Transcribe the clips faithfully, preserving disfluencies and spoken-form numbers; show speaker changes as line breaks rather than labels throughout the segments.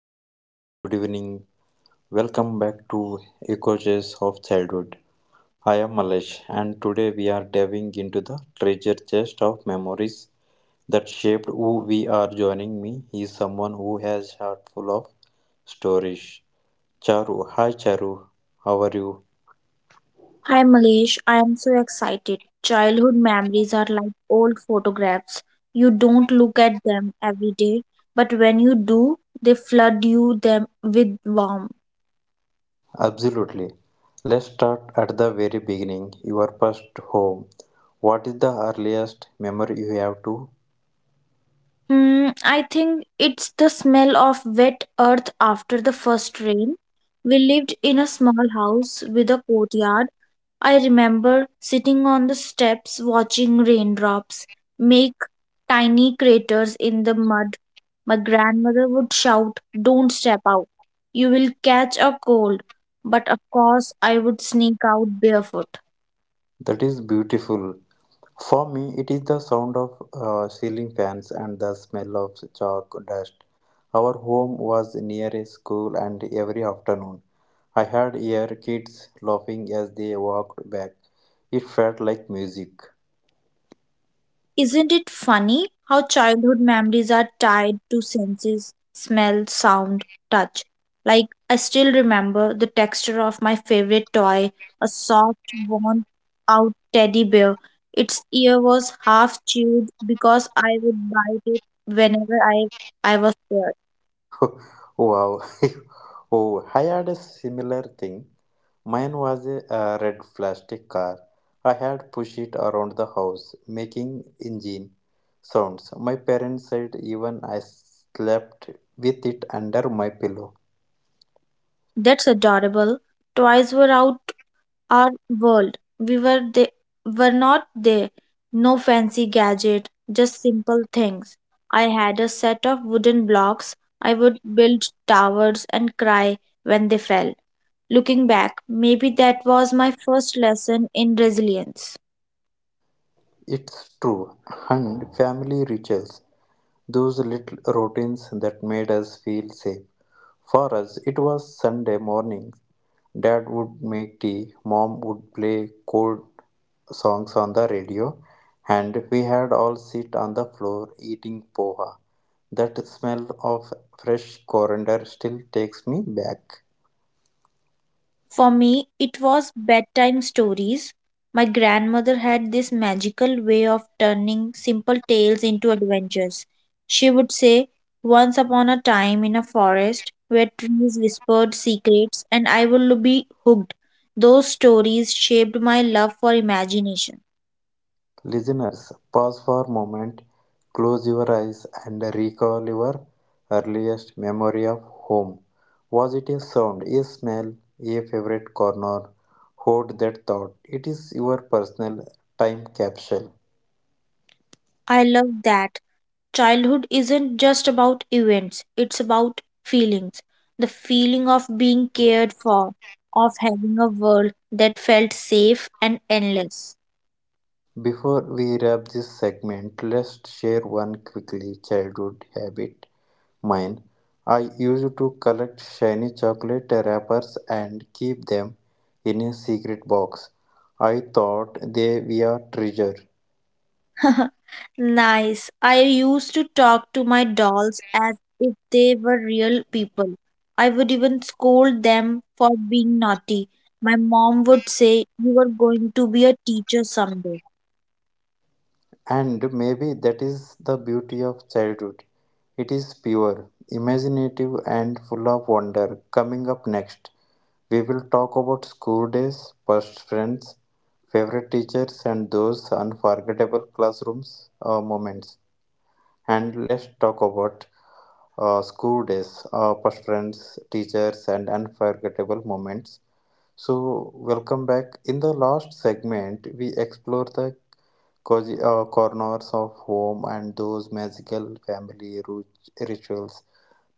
everyone. Good evening. Welcome back to Echoes of Childhood. I am Malesh, and today we are diving into the treasure chest of memories that shaped who we are. Joining me is someone who has heart full of stories. Charu, hi Charu, how are you?
Hi Malesh, I am so excited. Childhood memories are like old photographs. You don't look at them every day, but when you do, they flood you them with warmth.
Absolutely. Let's start at the very beginning, your first home. What is the earliest memory you have to?
Hmm, I think it's the smell of wet earth after the first rain. We lived in a small house with a courtyard. I remember sitting on the steps watching raindrops make tiny craters in the mud. My grandmother would shout, "Don't step out. You will catch a cold." But of course, I would sneak out barefoot.
That is beautiful. For me, it is the sound of uh, ceiling fans and the smell of chalk dust. Our home was near a school, and every afternoon I heard your kids laughing as they walked back. It felt like music.
Isn't it funny how childhood memories are tied to senses, smell, sound, touch? Like, I still remember the texture of my favorite toy, a soft, worn out teddy bear. Its ear was half chewed because I would bite it whenever I, I was scared.
Wow. Oh, I had a similar thing. Mine was a, uh, red plastic car. I had pushed it around the house, making engine sounds. My parents said even I slept with it under my pillow.
That's adorable. Toys were out our world. We were they were not there. No fancy gadget, just simple things. I had a set of wooden blocks. I would build towers and cry when they fell. Looking back, maybe that was my first lesson in resilience.
It's true, and family rituals, those little routines that made us feel safe. For us, it was Sunday mornings. Dad would make tea, mom would play cold songs on the radio, and we had all sit on the floor eating poha. That smell of fresh coriander still takes me back.
For me, it was bedtime stories. My grandmother had this magical way of turning simple tales into adventures. She would say, "Once upon a time in a forest where trees whispered secrets," and I will be hooked. Those stories shaped my love for imagination.
Listeners, pause for a moment, close your eyes, and recall your earliest memory of home. Was it a sound, a smell, a favorite corner? Hold that thought. It is your personal time capsule.
I love that. Childhood isn't just about events, it's about feelings. The feeling of being cared for, of having a world that felt safe and endless.
Before we wrap this segment, let's share one quickly childhood habit. Mine, I used to collect shiny chocolate wrappers and keep them in a secret box. I thought they were treasure.
Nice. I used to talk to my dolls as if they were real people. I would even scold them for being naughty. My mom would say, "You are going to be a teacher someday."
And maybe that is the beauty of childhood. It is pure, imaginative, and full of wonder. Coming up next, we will talk about school days, first friends, favorite teachers, and those unforgettable classrooms uh, moments. And let's talk about uh, school days, uh, first friends, teachers, and unforgettable moments. So, welcome back. In the last segment, we explore the cozy uh, corners of home and those magical family ru- rituals.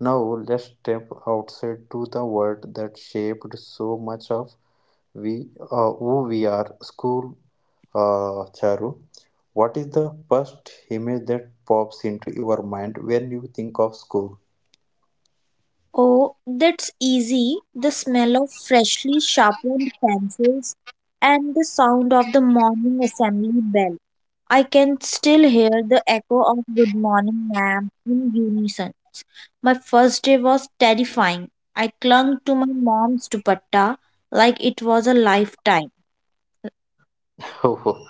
Now let's step outside to the world that shaped so much of we uh, who we are. School, uh, Charu. What is the first image that pops into your mind when you think of school?
Oh, that's easy. The smell of freshly sharpened pencils and the sound of the morning assembly bell. I can still hear the echo of "good morning, ma'am," in unison. My first day was terrifying. I clung to my mom's dupatta like it was a lifetime.
Oh,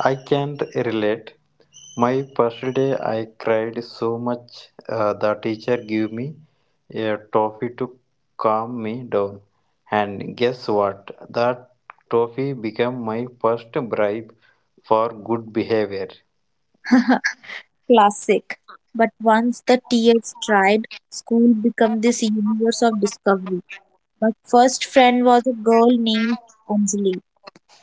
I can't relate. My first day, I cried so much. Uh, the teacher gave me a toffee to calm me down. And guess what? That toffee became my first bribe for good behavior.
Classic. But once the tears dried, school became this universe of discovery. My first friend was a girl named Anjali.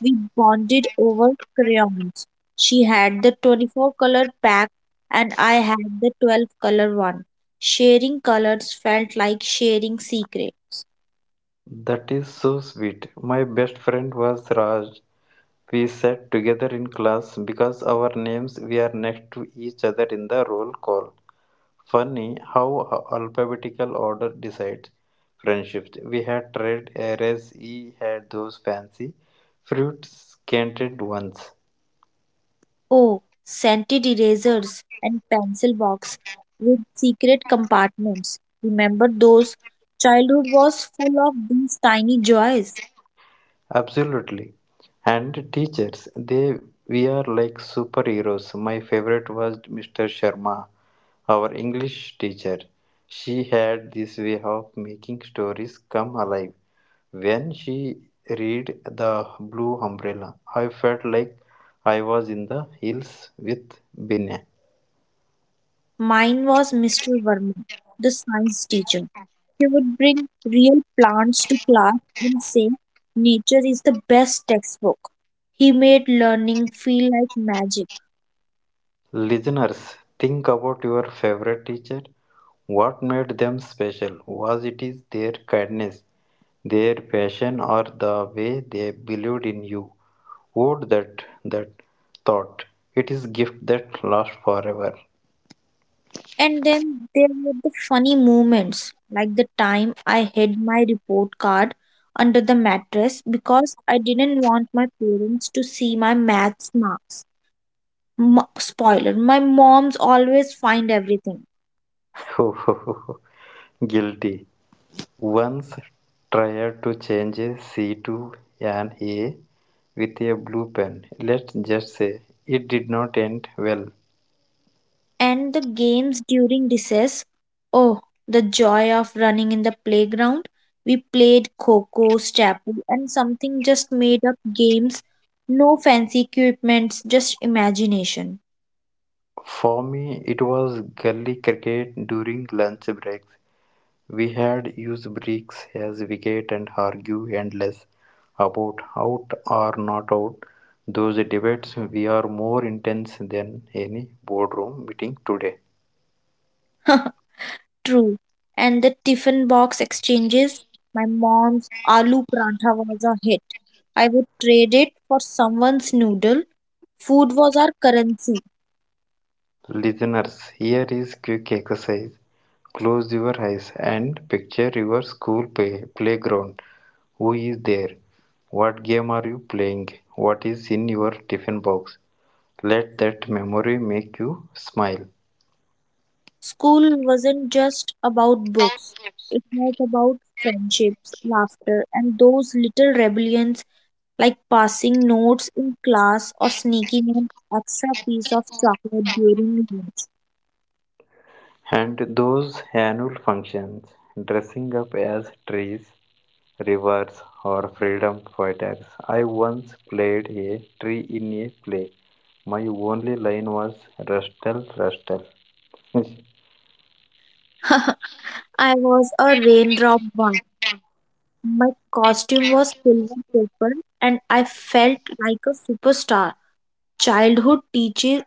We bonded over crayons. She had the twenty-four color pack and I had the twelve color one. Sharing colors felt like sharing secret.
That is so sweet. My best friend was Raj. We sat together in class because our names were next to each other in the roll call. Funny how alphabetical order decides friendships. We had trade errors, he had those fancy fruit scented ones.
Oh, scented erasers and pencil box with secret compartments. Remember those? Childhood was full of these tiny joys.
Absolutely. And teachers, they we are like superheroes. My favorite was Mister Sharma, our English teacher. She had this way of making stories come alive. When she read The Blue Umbrella, I felt like I was in the hills with Binay.
Mine was Mister Verma, the science teacher. He would bring real plants to class and say, "Nature is the best textbook." He made learning feel like magic.
Listeners, think about your favorite teacher. What made them special? Was it is their kindness, their passion, or the way they believed in you? Would that that thought? It is gift that lasts forever.
And then there were the funny moments, like the time I hid my report card under the mattress because I didn't want my parents to see my maths marks. M- spoiler, my moms always find everything.
Guilty. Once tried to change a C to an A with a blue pen. Let's just say it did not end well.
And the games during recess. Oh, the joy of running in the playground. We played Coco, Stapu, and something just made up games. No fancy equipments, just imagination.
For me, it was gully cricket during lunch breaks. We had used bricks as wicket and argue endless about out or not out. Those debates were more intense than any boardroom meeting today.
True. And the tiffin box exchanges. My mom's aloo prantha was a hit. I would trade it for someone's noodle. Food was our currency.
Listeners, here is quick exercise. Close your eyes and picture your school play- playground. Who is there? What game are you playing? What is in your tiffin box? Let that memory make you smile.
School wasn't just about books, it was about friendships, laughter, and those little rebellions like passing notes in class or sneaking an extra piece of chocolate during lunch.
And those annual functions, dressing up as trees, rivers, or freedom fighters. I once played a tree in a play. My only line was Rustle, Rustle.
I was a raindrop once. My costume was silver paper and I felt like a superstar. Childhood teaches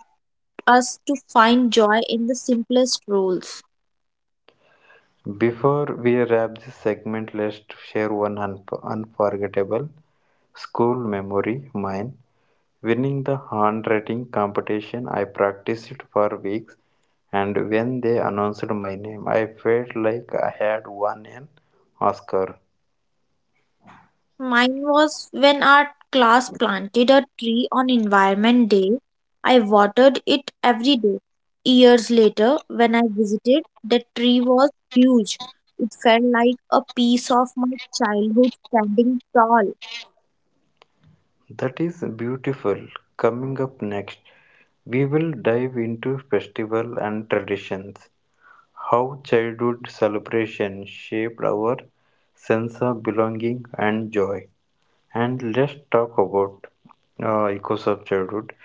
us to find joy in the simplest roles.
Before we wrap this segment, let's share one un- unforgettable school memory mine. Winning the handwriting competition, I practiced it for weeks. And when they announced my name, I felt like I had won an Oscar.
Mine was when our class planted a tree on Environment Day. I watered it every day. Years later, when I visited, the tree was huge. It felt like a piece of my childhood standing tall.
That is beautiful. Coming up next, we will dive into festival and traditions, how childhood celebration shaped our sense of belonging and joy. And let's talk about uh, echoes of childhood.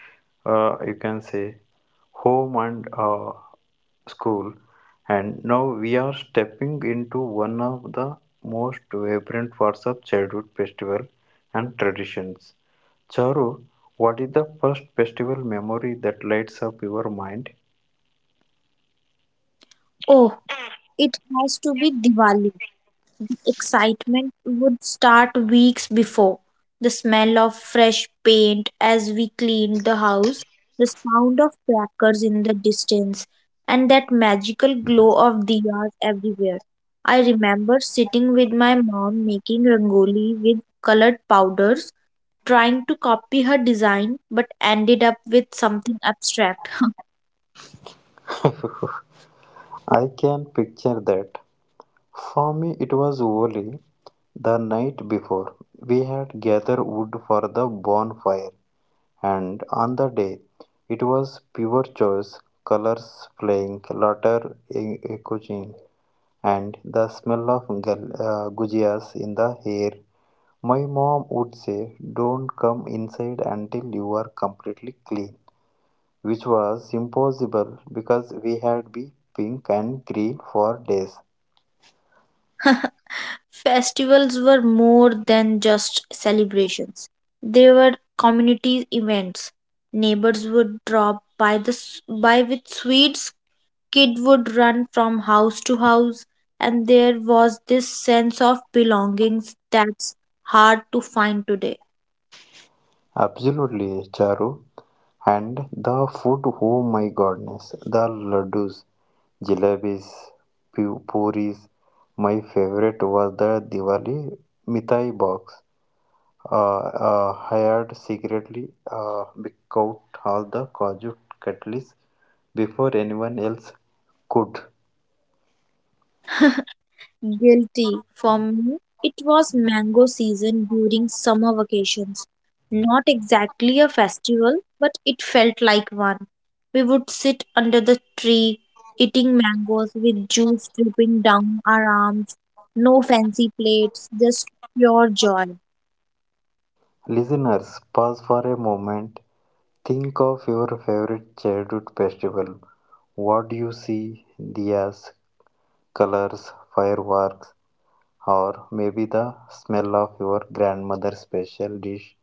Uh, you can say home and uh, school. And now we are stepping into one of the most vibrant parts of childhood festival and traditions. Charu, what is the first festival memory that lights up your mind?
Oh, it has to be Diwali. Excitement would start weeks before. The smell of fresh paint as we cleaned the house, the sound of crackers in the distance, and that magical glow of diyas everywhere. I remember sitting with my mom making rangoli with colored powders, trying to copy her design, but ended up with something abstract.
I can picture that. For me, it was Holi. The night before, we had gathered wood for the bonfire, and on the day it was pure choice colors playing, laughter e- echoing, and the smell of gal- uh, gujias in the air. My mom would say, Don't come inside until you are completely clean, which was impossible because we had been pink and green for days.
Festivals were more than just celebrations. They were community events. Neighbors would drop by the s- by with sweets, kid would run from house to house, and there was this sense of belongings that's hard to find today.
Absolutely, Charu. And the food, oh my goodness, the laddus, jalebis, pu- puris. My favorite was the Diwali Mithai box. Uh, uh, hired secretly uh, because all the Kaju cutleries before anyone else could.
Guilty. For me, it was mango season during summer vacations. Not exactly a festival, but it felt like one. We would sit under the tree, eating mangoes with juice dripping down our arms. No fancy plates, just pure joy.
Listeners, pause for a moment. Think of your favorite childhood festival. What do you see? Diyas, colors, fireworks, or maybe the smell of your grandmother's special dish.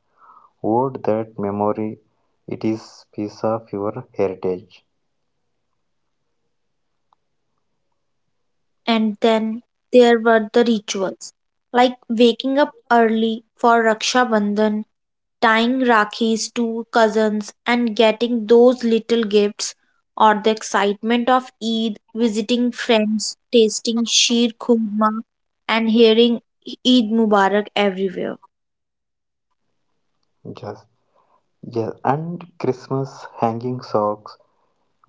Would that memory, it is piece of your heritage.
And then there were the rituals, like waking up early for Raksha Bandhan, tying Rakhis to cousins, and getting those little gifts, or the excitement of Eid, visiting friends, tasting sheer khurma, and hearing "Eid Mubarak" everywhere.
Yes, yes, and Christmas, hanging socks,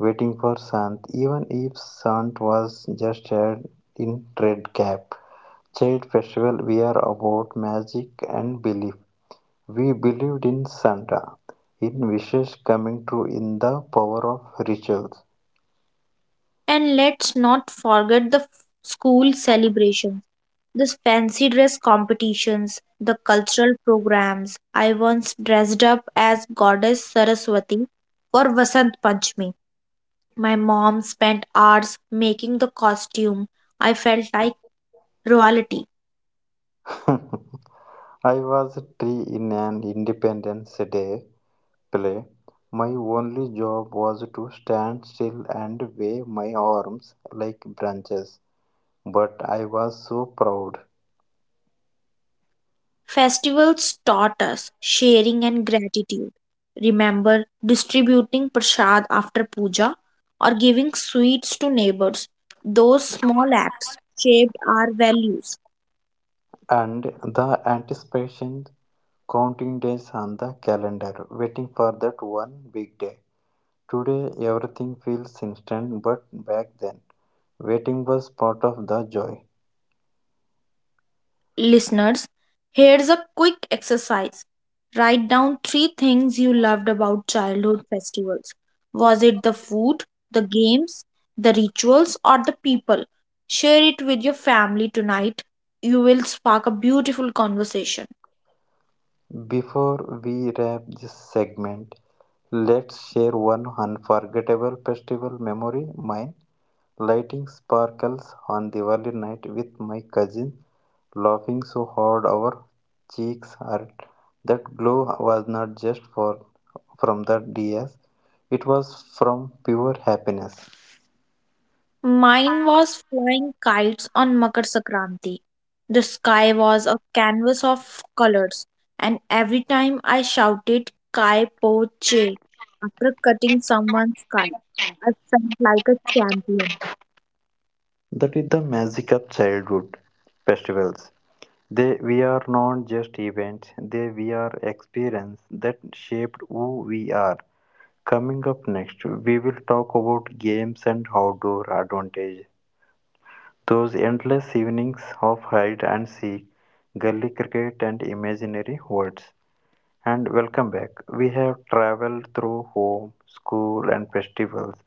waiting for Sant, even if Sant was just a in red cap. Child festival we are about magic and belief. We believed in Santa, in wishes coming true, in the power of rituals.
And let's not forget the f- school celebrations, the fancy dress competitions, the cultural programs. I once dressed up as Goddess Saraswati for Vasant Panchami. My mom spent hours making the costume. I felt like royalty.
I was three in an Independence Day play. My only job was to stand still and wave my arms like branches. But I was so proud.
Festivals taught us sharing and gratitude. Remember distributing prasad after puja or giving sweets to neighbors. Those small acts shaped our values.
And the anticipation, counting days on the calendar, waiting for that one big day. Today everything feels instant, but back then, waiting was part of the joy.
Listeners, here's a quick exercise. Write down three things you loved about childhood festivals. Was it the food, the games, the rituals, or the people? Share it with your family tonight. You will spark a beautiful conversation.
Before we wrap this segment, let's share one unforgettable festival memory. Mine lighting sparkles on Diwali night with my cousin, laughing so hard our cheeks hurt. That glow was not just for from the D S, it was from pure happiness.
Mine was flying kites on Makar Sankranti. The sky was a canvas of colors, and every time I shouted "Kai Po Che" after cutting someone's kite, I felt like a champion.
That is the magic of childhood festivals. They we are not just events, they we are experience that shaped who we are. Coming up next, we will talk about games and outdoor advantage. Those endless evenings of hide and seek, gully cricket, and imaginary words. And welcome back. We have traveled through home, school, and festivals.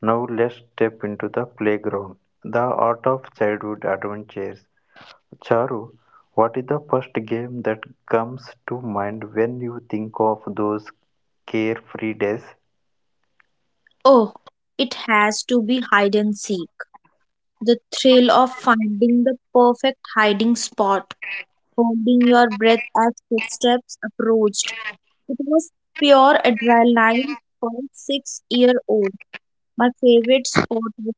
Now let's step into the playground, the art of childhood adventures. Charu, what is the first game that comes to mind when you think of those carefree days?
Oh, it has to be hide and seek. The thrill of finding the perfect hiding spot, holding your breath as footsteps approached. It was pure adrenaline for a six-year-old old. My favorite spot was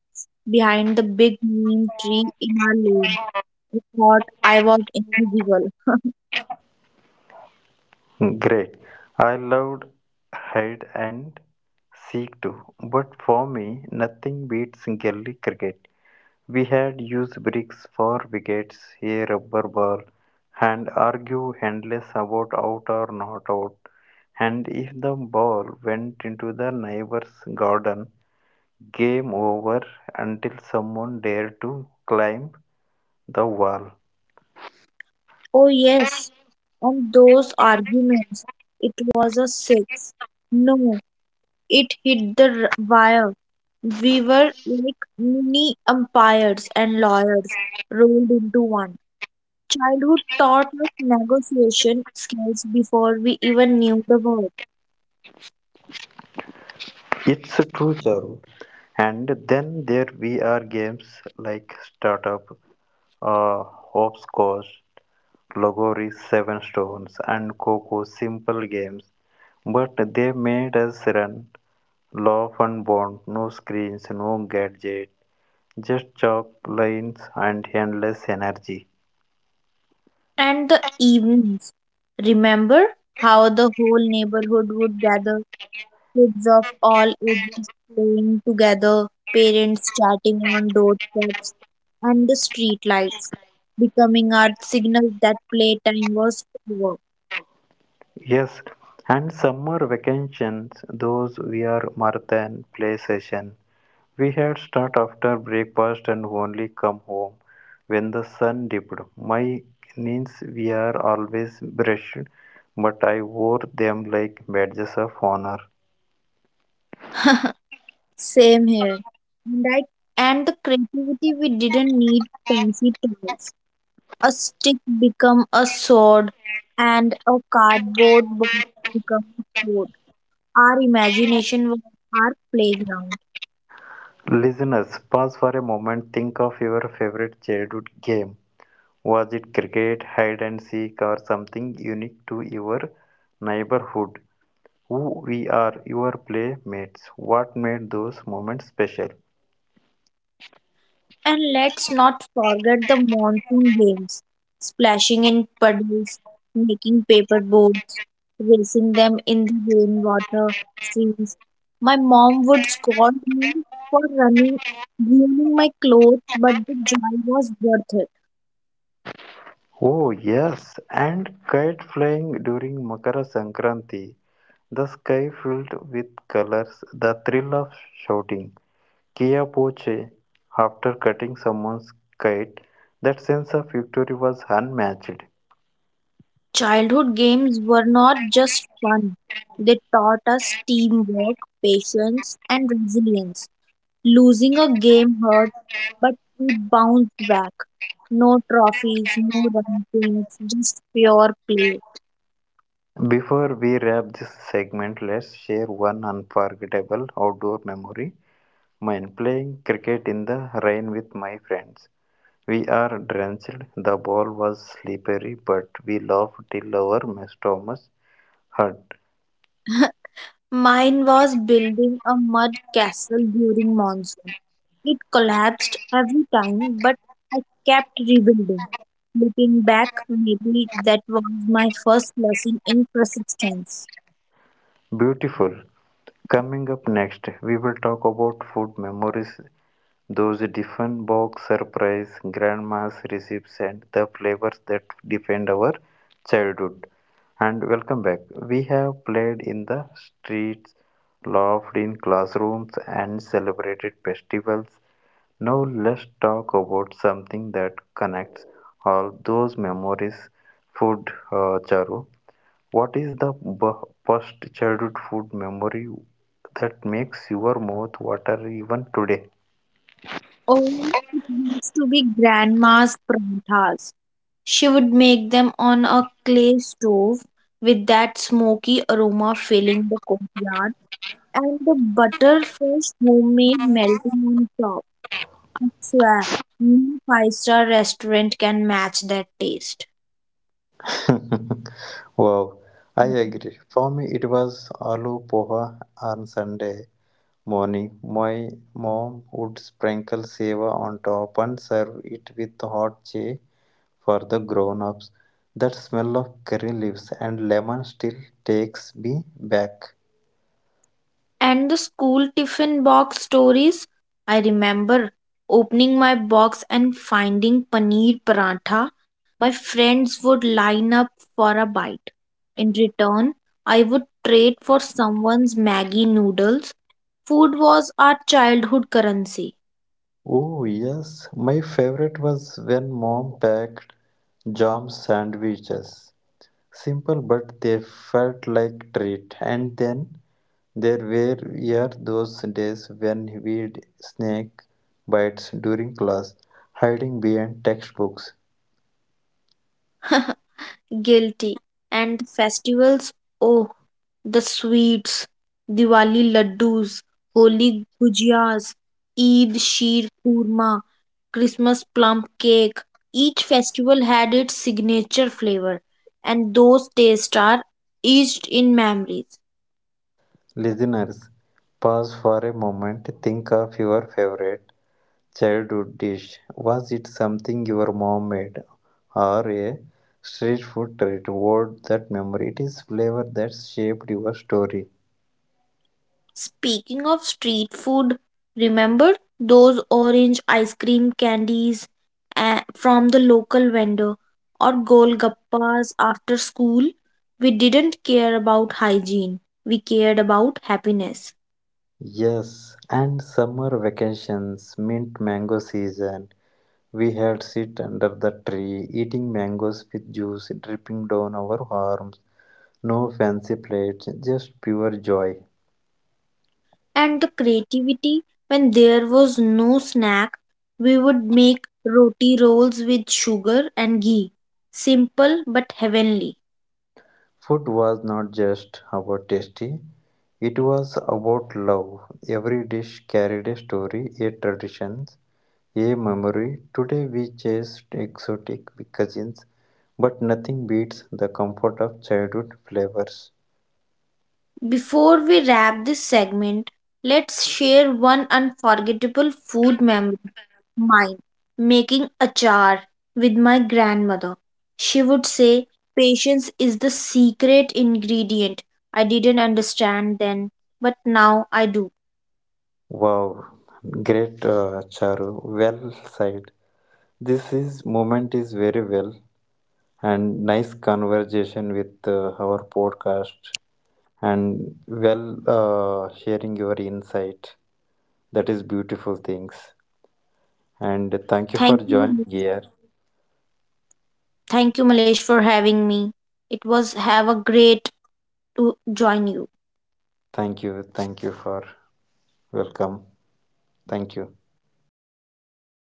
behind the big neem tree in our lane. I thought I was invisible.
Great. I loved hide and seek too, but for me, nothing beats gully cricket. We had used bricks for wickets, a rubber ball, and argue endless about out or not out. And if the ball went into the neighbor's garden, game over until someone dared to climb the wall.
Oh, yes. And those arguments. "It was a six." "No, it hit the r- wire." We were like mini umpires and lawyers rolled into one. Childhood taught us negotiation skills before we even knew the word.
It's true, Charu. And then there we are games like startup uh, hopscotch, loggerry, seven stones, and coco simple games, but they made us run, laugh, and bond. No screens, no gadget, just chalk lines and endless energy.
And the evenings. Remember how the whole neighborhood would gather, kids of all ages playing together, parents chatting on doorsteps, and the street lights becoming our signals that playtime was over.
Yes, and summer vacations, those were marathon play sessions. We had started after breakfast and only come home when the sun dipped. My knees were always brushed, but I wore them like badges of honor.
Same here. And, I, and the creativity, we didn't need fancy toys. A stick become a sword and a cardboard box become a sword. Our imagination was our playground.
Listeners, pause for a moment. Think of your favorite childhood game. Was it cricket, hide and seek, or something unique to your neighborhood? Who we are, your playmates? What made those moments special?
And let's not forget the monsoon games: splashing in puddles, making paper boats, racing them in the rainwater streams. My mom would scold me for running, ruining my clothes, but the joy was worth it.
Oh, yes, and kite flying during Makara Sankranti, the sky filled with colors, the thrill of shouting Kia Poche after cutting someone's kite, that sense of victory was unmatched.
Childhood games were not just fun. They taught us teamwork, patience, and resilience. Losing a game hurt, but we bounced back. No trophies, no rankings, just pure play.
Before we wrap this segment, let's share one unforgettable outdoor memory. Mine playing cricket in the rain with my friends. We are drenched, the ball was slippery, but we laughed till our stomachs hurt.
Mine was building a mud castle during monsoon. It collapsed every time, but I kept rebuilding. Looking back, maybe that was my first lesson in persistence.
Beautiful. Coming up next, we will talk about food memories, those different box surprise, grandma's recipes, and the flavors that defend our childhood. And welcome back. We have played in the streets, laughed in classrooms, and celebrated festivals. Now let's talk about something that connects all those memories. Food, uh, Charu. What is the b- first childhood food memory that makes your mouth water even today?
Oh, it used to be grandma's paranthas. She would make them on a clay stove with that smoky aroma filling the courtyard and the butter homemade melting on top. I swear, no five star restaurant can match that taste.
Wow, I agree. For me, it was aloo poha on Sunday morning. My mom would sprinkle seva on top and serve it with hot chai for the grown ups. That smell of curry leaves and lemon still takes me back.
And the school tiffin box stories. I remember opening my box and finding paneer paratha. My friends would line up for a bite. In return, I would trade for someone's Maggie noodles. Food was our childhood currency.
Oh, yes, my favorite was when mom packed jam sandwiches. Simple, but they felt like treat. And then there were yeah, those days when we'd snake bites during class, hiding behind textbooks.
Guilty. And festivals, oh, the sweets, Diwali laddus, Holi gujiyas, Eid sheer kurma, Christmas plum cake. Each festival had its signature flavor, and those tastes are etched in memories.
Listeners, pause for a moment, think of your favorite childhood dish. Was it something your mom made or a street food treat? What that memory? It is flavor that shaped your story.
Speaking of street food, remember those orange ice cream candies uh, from the local vendor or golgappas after school? We didn't care about hygiene, we cared about happiness.
Yes, and summer vacations, mint mango season. We had sit under the tree, eating mangoes with juice dripping down our arms. No fancy plates, just pure joy.
And the creativity, when there was no snack we would make roti rolls with sugar and ghee, simple but heavenly.
Food was not just about tasty, it was about love. Every dish carried a story, a tradition, a memory. Today we chase exotic cuisines, but nothing beats the comfort of childhood flavors.
Before we wrap this segment, let's share one unforgettable food memory. Mine, making achar with my grandmother. She would say, "Patience is the secret ingredient." I didn't understand then, but now I do.
Wow, great uh, Charu, well said. This is moment is very well and nice conversation with uh, our podcast and well uh, sharing your insight. That is beautiful things. And thank you for
Thank
joining
you.
here.
Thank you, Malesh, for having me. It was have a great to join you.
Thank you. Thank you for welcome. Thank you.